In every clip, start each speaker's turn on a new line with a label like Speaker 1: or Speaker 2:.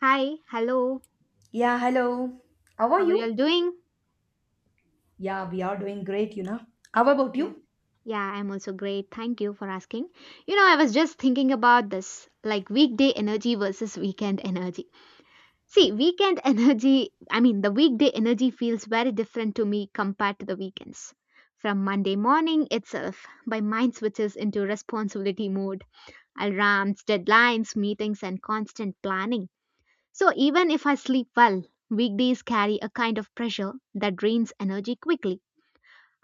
Speaker 1: Hi, hello.
Speaker 2: Yeah, hello. How are
Speaker 1: How are you
Speaker 2: you?
Speaker 1: all doing?
Speaker 2: Yeah, we are doing great, you know. How about
Speaker 1: Yeah,
Speaker 2: you?
Speaker 1: yeah, I'm also great. Thank you for asking. You know, I was just thinking about this like weekday energy versus weekend energy. See, weekend energy, I mean, the weekday energy feels very different to me compared to the weekends. From Monday morning itself, my mind switches into responsibility mode, alarms, deadlines, meetings, and constant planning. So even if I sleep well, weekdays carry a kind of pressure that drains energy quickly.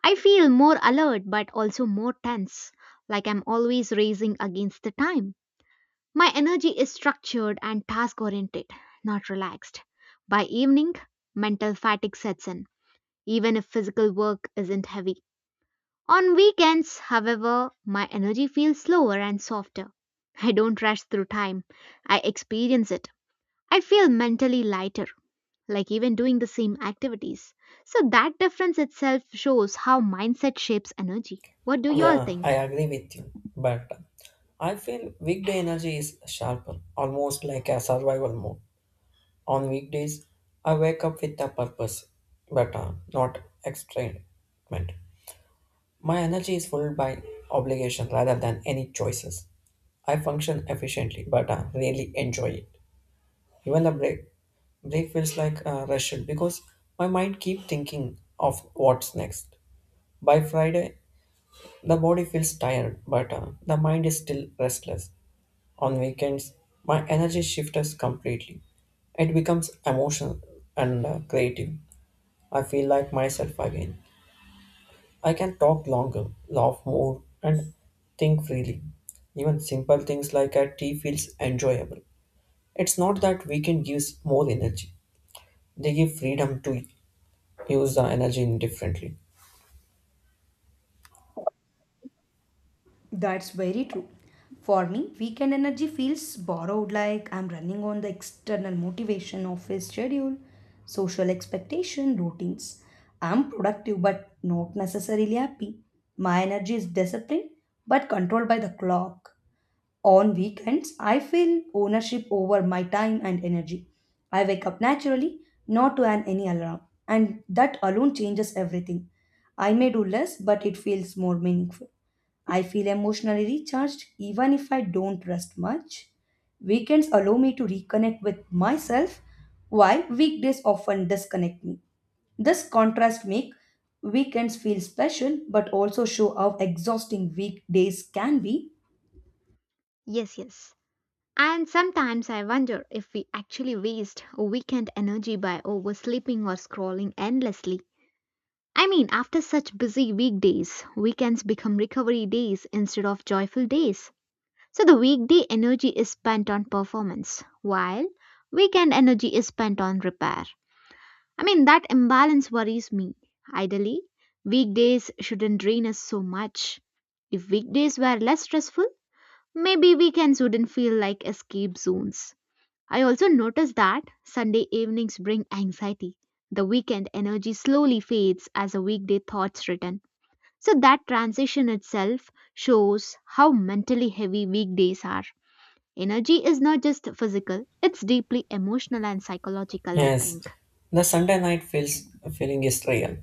Speaker 1: I feel more alert but also more tense, like I'm always racing against the time. My energy is structured and task oriented, not relaxed. By evening, mental fatigue sets in, even if physical work isn't heavy. On weekends, however, my energy feels slower and softer. I don't rush through time, I experience it. I feel mentally lighter like even doing the same activities. So that difference itself shows how mindset shapes energy. What do you all
Speaker 3: Yeah, I
Speaker 1: think?
Speaker 3: agree with you. But I feel weekday energy is sharper, almost like a survival mode. On weekdays, I wake up with a purpose, but not excitement. My energy is fueled by obligation rather than any choices. I function efficiently, but I really enjoy it. Even the break feels like a rush because my mind keeps thinking of what's next. By Friday, the body feels tired, but the mind is still restless. On weekends, my energy shifts completely. It becomes emotional and creative. I feel like myself again. I can talk longer, laugh more, and think freely. Even simple things like a tea feels enjoyable. It's not that weekend gives more energy. They give freedom to use the energy indifferently.
Speaker 2: That's very true. For me, weekend energy feels borrowed like I'm running on the external motivation of his schedule, social expectation, routines. I'm productive but not necessarily happy. My energy is disciplined but controlled by the clock. On weekends, I feel ownership over my time and energy. I wake up naturally, not to an any alarm, and that alone changes everything. I may do less, but it feels more meaningful. I feel emotionally recharged even if I don't rest much. Weekends allow me to reconnect with myself, while weekdays often disconnect me. This contrast makes weekends feel special but also show how exhausting weekdays can be.
Speaker 1: Yes. And sometimes I wonder if we actually waste a weekend energy by oversleeping or scrolling endlessly. I mean, after such busy weekdays, weekends become recovery days instead of joyful days. So the weekday energy is spent on performance, while weekend energy is spent on repair. I mean, that imbalance worries me. Ideally, weekdays shouldn't drain us so much. If weekdays were less stressful, maybe weekends wouldn't feel like escape zones. I also notice that Sunday evenings bring anxiety. The weekend energy slowly fades as a weekday thoughts return. So that transition itself shows how mentally heavy weekdays are. Energy is not just physical, it's deeply emotional and psychological, I
Speaker 3: Yes,
Speaker 1: think.
Speaker 3: the Sunday night feels feeling is real.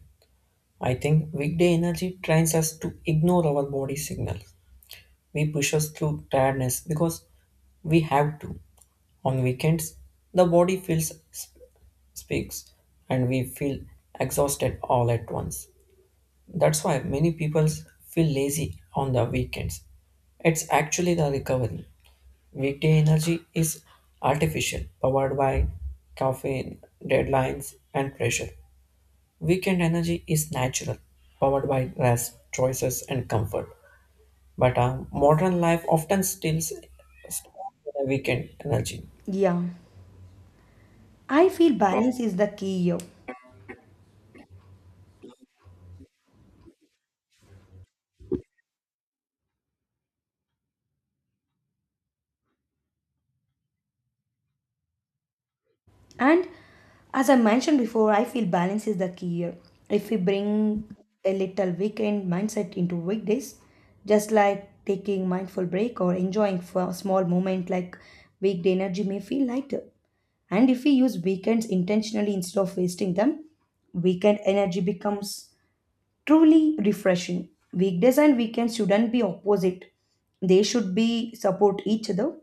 Speaker 3: I think weekday energy trains us to ignore our body signals. We push us through tiredness because we have to. On weekends, the body speaks and we feel exhausted all at once. That's why many people feel lazy on the weekends. It's actually the recovery. Weekday energy is artificial, powered by caffeine, deadlines, and pressure. Weekend energy is natural, powered by rest, choices, and comfort. But modern life often steals the weekend energy.
Speaker 2: Yeah. I feel balance is the key here. And as I mentioned before, I feel balance is the key here. If we bring a little weekend mindset into weekdays, just like taking mindful break or enjoying for a small moment like weekday energy may feel lighter. And if we use weekends intentionally instead of wasting them, weekend energy becomes truly refreshing. Weekdays and weekends shouldn't be opposite. They should be support each other.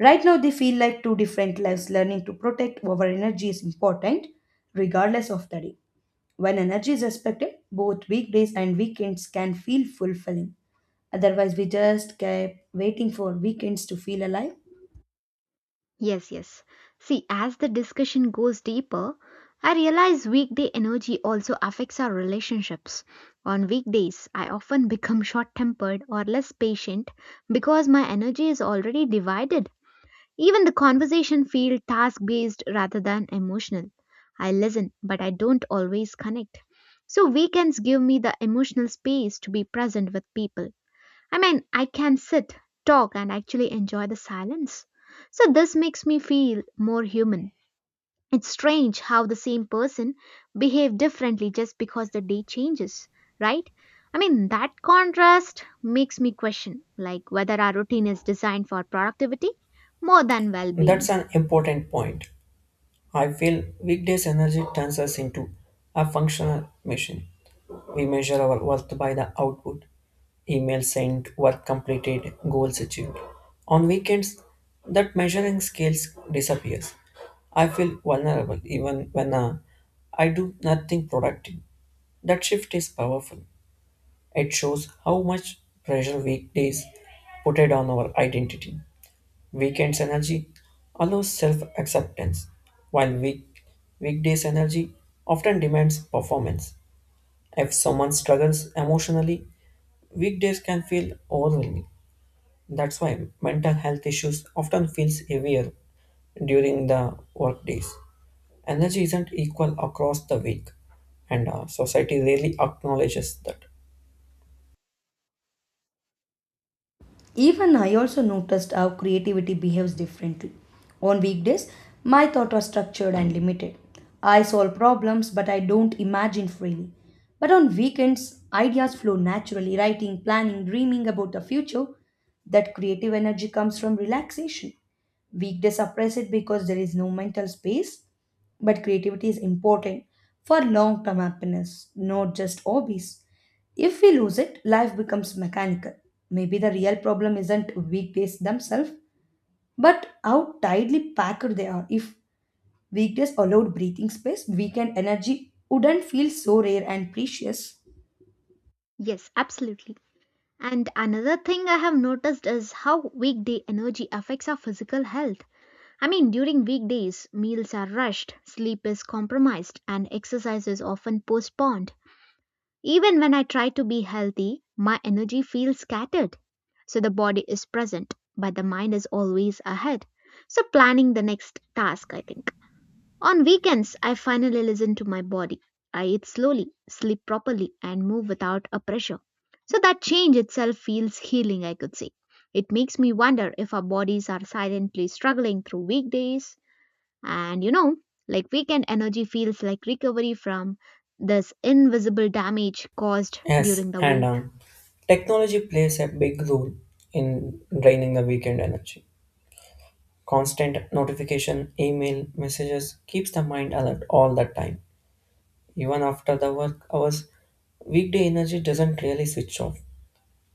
Speaker 2: Right now they feel like two different lives. Learning to protect our energy is important regardless of the day. When energy is respected, both weekdays and weekends can feel fulfilling. Otherwise we just keep waiting for weekends to feel alive.
Speaker 1: Yes. See, as the discussion goes deeper, I realize weekday energy also affects our relationships. On weekdays, I often become short tempered or less patient because my energy is already divided. Even the conversation feels task based rather than emotional. I listen, but I don't always connect. So weekends give me the emotional space to be present with people. I mean, I can sit, talk, and actually enjoy the silence. So this makes me feel more human. It's strange how the same person behave differently just because the day changes, right? I mean, that contrast makes me question like whether our routine is designed for productivity more than well-being.
Speaker 3: That's an important point. I feel weekdays energy turns us into a functional machine. We measure our worth by the output, email sent, work completed, goals achieved. On weekends, that measuring scales disappears. I feel vulnerable even when I do nothing productive. That shift is powerful. It shows how much pressure weekdays put it on our identity. Weekends energy allows self acceptance, while weekdays energy often demands performance. If someone struggles emotionally, weekdays can feel overwhelming. That's why mental health issues often feels heavier during the work days. Energy isn't equal across the week, and society rarely acknowledges that.
Speaker 2: Even I also noticed how creativity behaves differently. On weekdays, my thoughts are structured and limited. I solve problems, but I don't imagine freely. But on weekends, ideas flow naturally, writing, planning, dreaming about the future. That creative energy comes from relaxation. Weekdays suppress it because there is no mental space, but creativity is important for long term happiness, not just hobbies. If we lose it, life becomes mechanical. Maybe the real problem isn't weekdays themselves, but how tightly packed they are. If weekdays allowed breathing space, weekend energy wouldn't feel so rare and precious.
Speaker 1: Yes, absolutely. And another thing I have noticed is how weekday energy affects our physical health. I mean, during weekdays, meals are rushed, sleep is compromised, and exercise is often postponed. Even when I try to be healthy, my energy feels scattered. So the body is present, but the mind is always ahead. So planning the next task, I think. On weekends, I finally listen to my body. I eat slowly, sleep properly, and move without a pressure. So that change itself feels healing, I could say. It makes me wonder if our bodies are silently struggling through weekdays and like weekend energy feels like recovery from this invisible damage caused
Speaker 3: Yes,
Speaker 1: during the
Speaker 3: and
Speaker 1: week.
Speaker 3: uh, technology plays a big role in draining the weekend energy. Constant notification, email, messages keeps the mind alert all the time. Even after the work hours, weekday energy doesn't really switch off.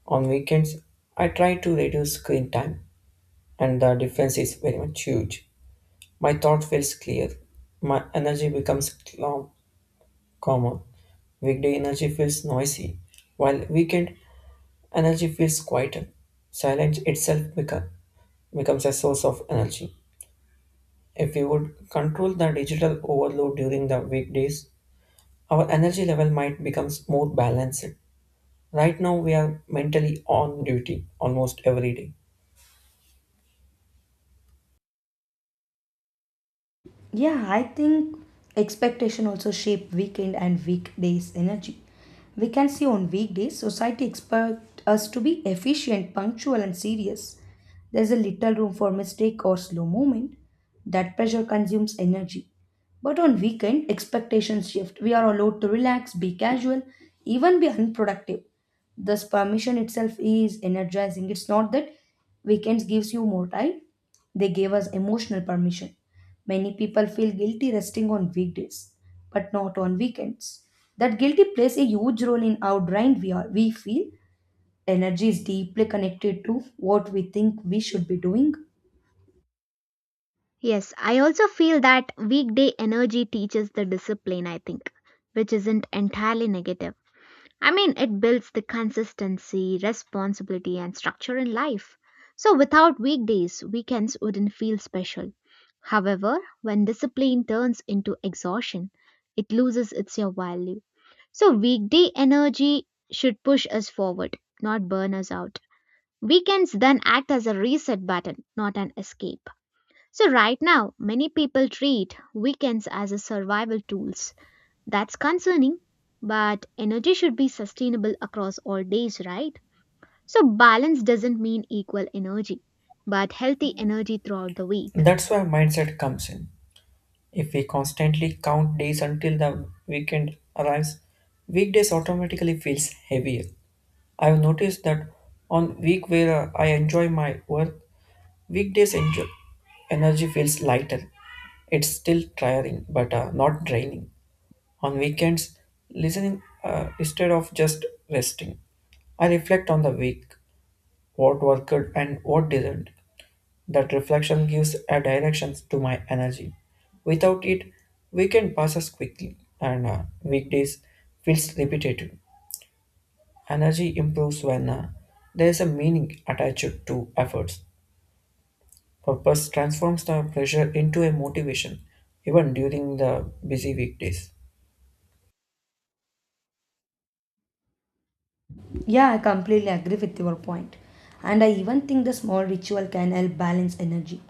Speaker 3: On weekends, I try to reduce screen time, and the difference is very much huge. My thought feels clear. My energy becomes calmer. Weekday energy feels noisy, while weekend energy feels quieter. Silence itself becomes a source of energy. If we would control the digital overload during the weekdays, our energy level might become more balanced. Right now, we are mentally on duty almost every day.
Speaker 2: Yeah, I think expectation also shape weekend and weekdays energy. We can see on weekdays society expect us to be efficient, punctual and serious. There's a little room for mistake or slow movement. That pressure consumes energy. But on weekend expectations shift. We are allowed to relax, be casual, even be unproductive. This permission itself is energizing. It's not that weekends gives you more time. They gave us emotional permission. Many people feel guilty resting on weekdays, but not on weekends. That guilty plays a huge role in how drained we are. We feel energy is deeply connected to what we think we should be doing.
Speaker 1: Yes, I also feel that weekday energy teaches the discipline, I think, which isn't entirely negative. I mean, it builds the consistency, responsibility, and structure in life. So without weekdays, weekends wouldn't feel special. However, when discipline turns into exhaustion, it loses its your value. So weekday energy should push us forward, not burn us out. Weekends then act as a reset button, not an escape. So right now, many people treat weekends as a survival tools. That's concerning, but energy should be sustainable across all days, right? So balance doesn't mean equal energy, but healthy energy throughout the week.
Speaker 3: That's where mindset comes in. If we constantly count days until the weekend arrives, weekdays automatically feels heavier. I've noticed that on week where I enjoy my work, weekdays enjoy, energy feels lighter. It's still tiring, but not draining. On weekends, listening instead of just resting. I reflect on the week, what worked and what didn't. That reflection gives a direction to my energy. Without it, weekend passes quickly and weekdays feels repetitive. Energy improves when there is a meaning attached to efforts. Purpose transforms the pressure into a motivation even during the busy weekdays.
Speaker 2: Yeah, I completely agree with your point. And I even think the small ritual can help balance energy.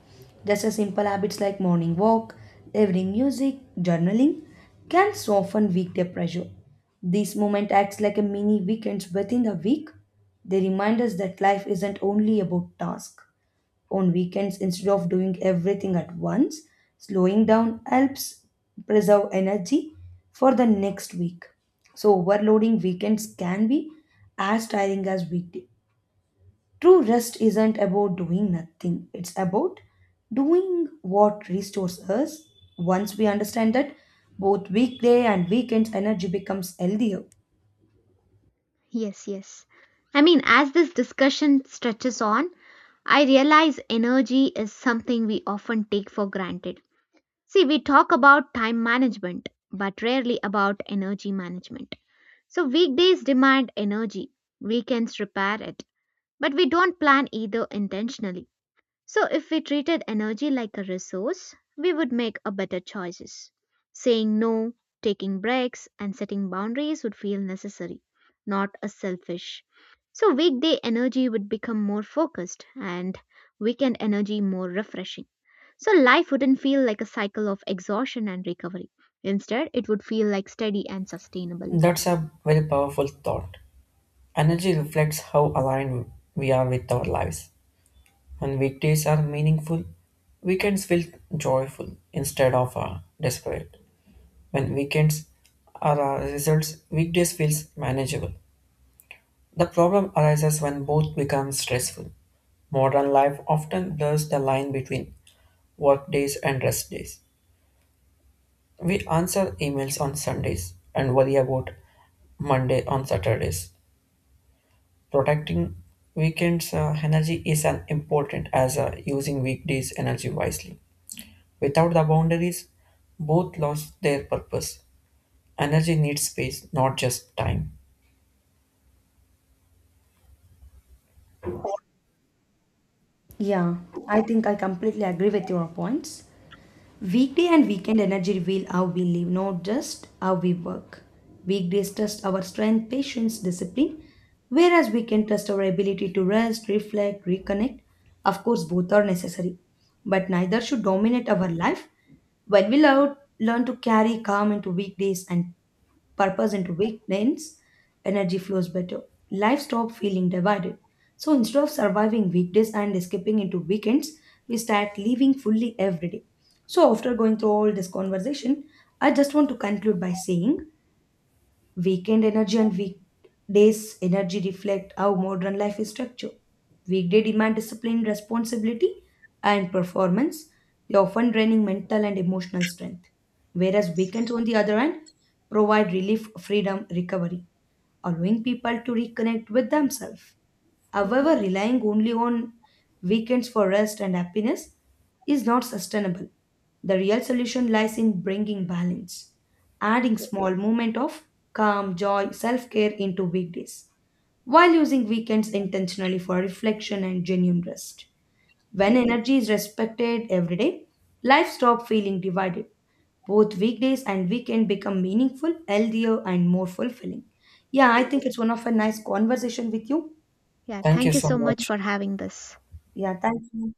Speaker 2: Just as simple habits like morning walk, evening music, journaling can soften weekday pressure. This moment acts like a mini weekends within the week. They remind us that life isn't only about tasks on weekends instead of doing everything at once. Slowing down helps preserve energy for the next week. So, overloading weekends can be as tiring as weekday. True rest isn't about doing nothing, it's about doing what restores us. Once we understand that, both weekday and weekends energy becomes healthier.
Speaker 1: Yes. I mean, as this discussion stretches on, I realize energy is something we often take for granted. See, we talk about time management, but rarely about energy management. So weekdays demand energy, weekends repair it, but we don't plan either intentionally. So if we treated energy like a resource, we would make a better choices. Saying no, taking breaks, and setting boundaries would feel necessary, not a selfish. So weekday energy would become more focused and weekend energy more refreshing. So life wouldn't feel like a cycle of exhaustion and recovery. Instead, it would feel like steady and sustainable.
Speaker 3: That's a very powerful thought. Energy reflects how aligned we are with our lives. When weekdays are meaningful, weekends feel joyful instead of desperate. When weekends are our results, weekdays feels manageable. The problem arises when both become stressful. Modern life often blurs the line between work days and rest days. We answer emails on Sundays and worry about Monday on Saturdays. Protecting weekends energy is as important as using weekdays energy wisely. Without the boundaries, both lost their purpose. Energy needs space, not just time.
Speaker 2: Yeah, I think I completely agree with your points. Weekday and weekend energy reveal how we live, not just how we work. Weekdays test our strength, patience, discipline, whereas weekend test our ability to rest, reflect, reconnect. Of course, both are necessary, but neither should dominate our life. When we learn to carry calm into weekdays and purpose into weekends, energy flows better. Life stops feeling divided. So instead of surviving weekdays and escaping into weekends, we start living fully every day. So after going through all this conversation, I just want to conclude by saying, weekend energy and weekdays energy reflect how modern life is structured. Weekday demand discipline, responsibility, and performance. They often draining mental and emotional strength. Whereas weekends, on the other hand, provide relief, freedom, recovery, allowing people to reconnect with themselves.
Speaker 1: Yes.
Speaker 2: However, relying only on weekends for rest and happiness is not sustainable. The real solution lies in bringing balance, adding
Speaker 1: Yes.
Speaker 2: small moment of calm, joy, self-care into weekdays, while using weekends intentionally for reflection and genuine rest. When
Speaker 1: Yes.
Speaker 2: energy is respected every day, life stops feeling divided. Both weekdays and weekend become meaningful, healthier, and more fulfilling. Yeah, I think it's one of a nice conversation with you.
Speaker 1: Yeah,
Speaker 3: Thank you
Speaker 1: thank you
Speaker 3: so
Speaker 1: so much
Speaker 3: much.
Speaker 1: for having this.
Speaker 2: Yeah, thank you.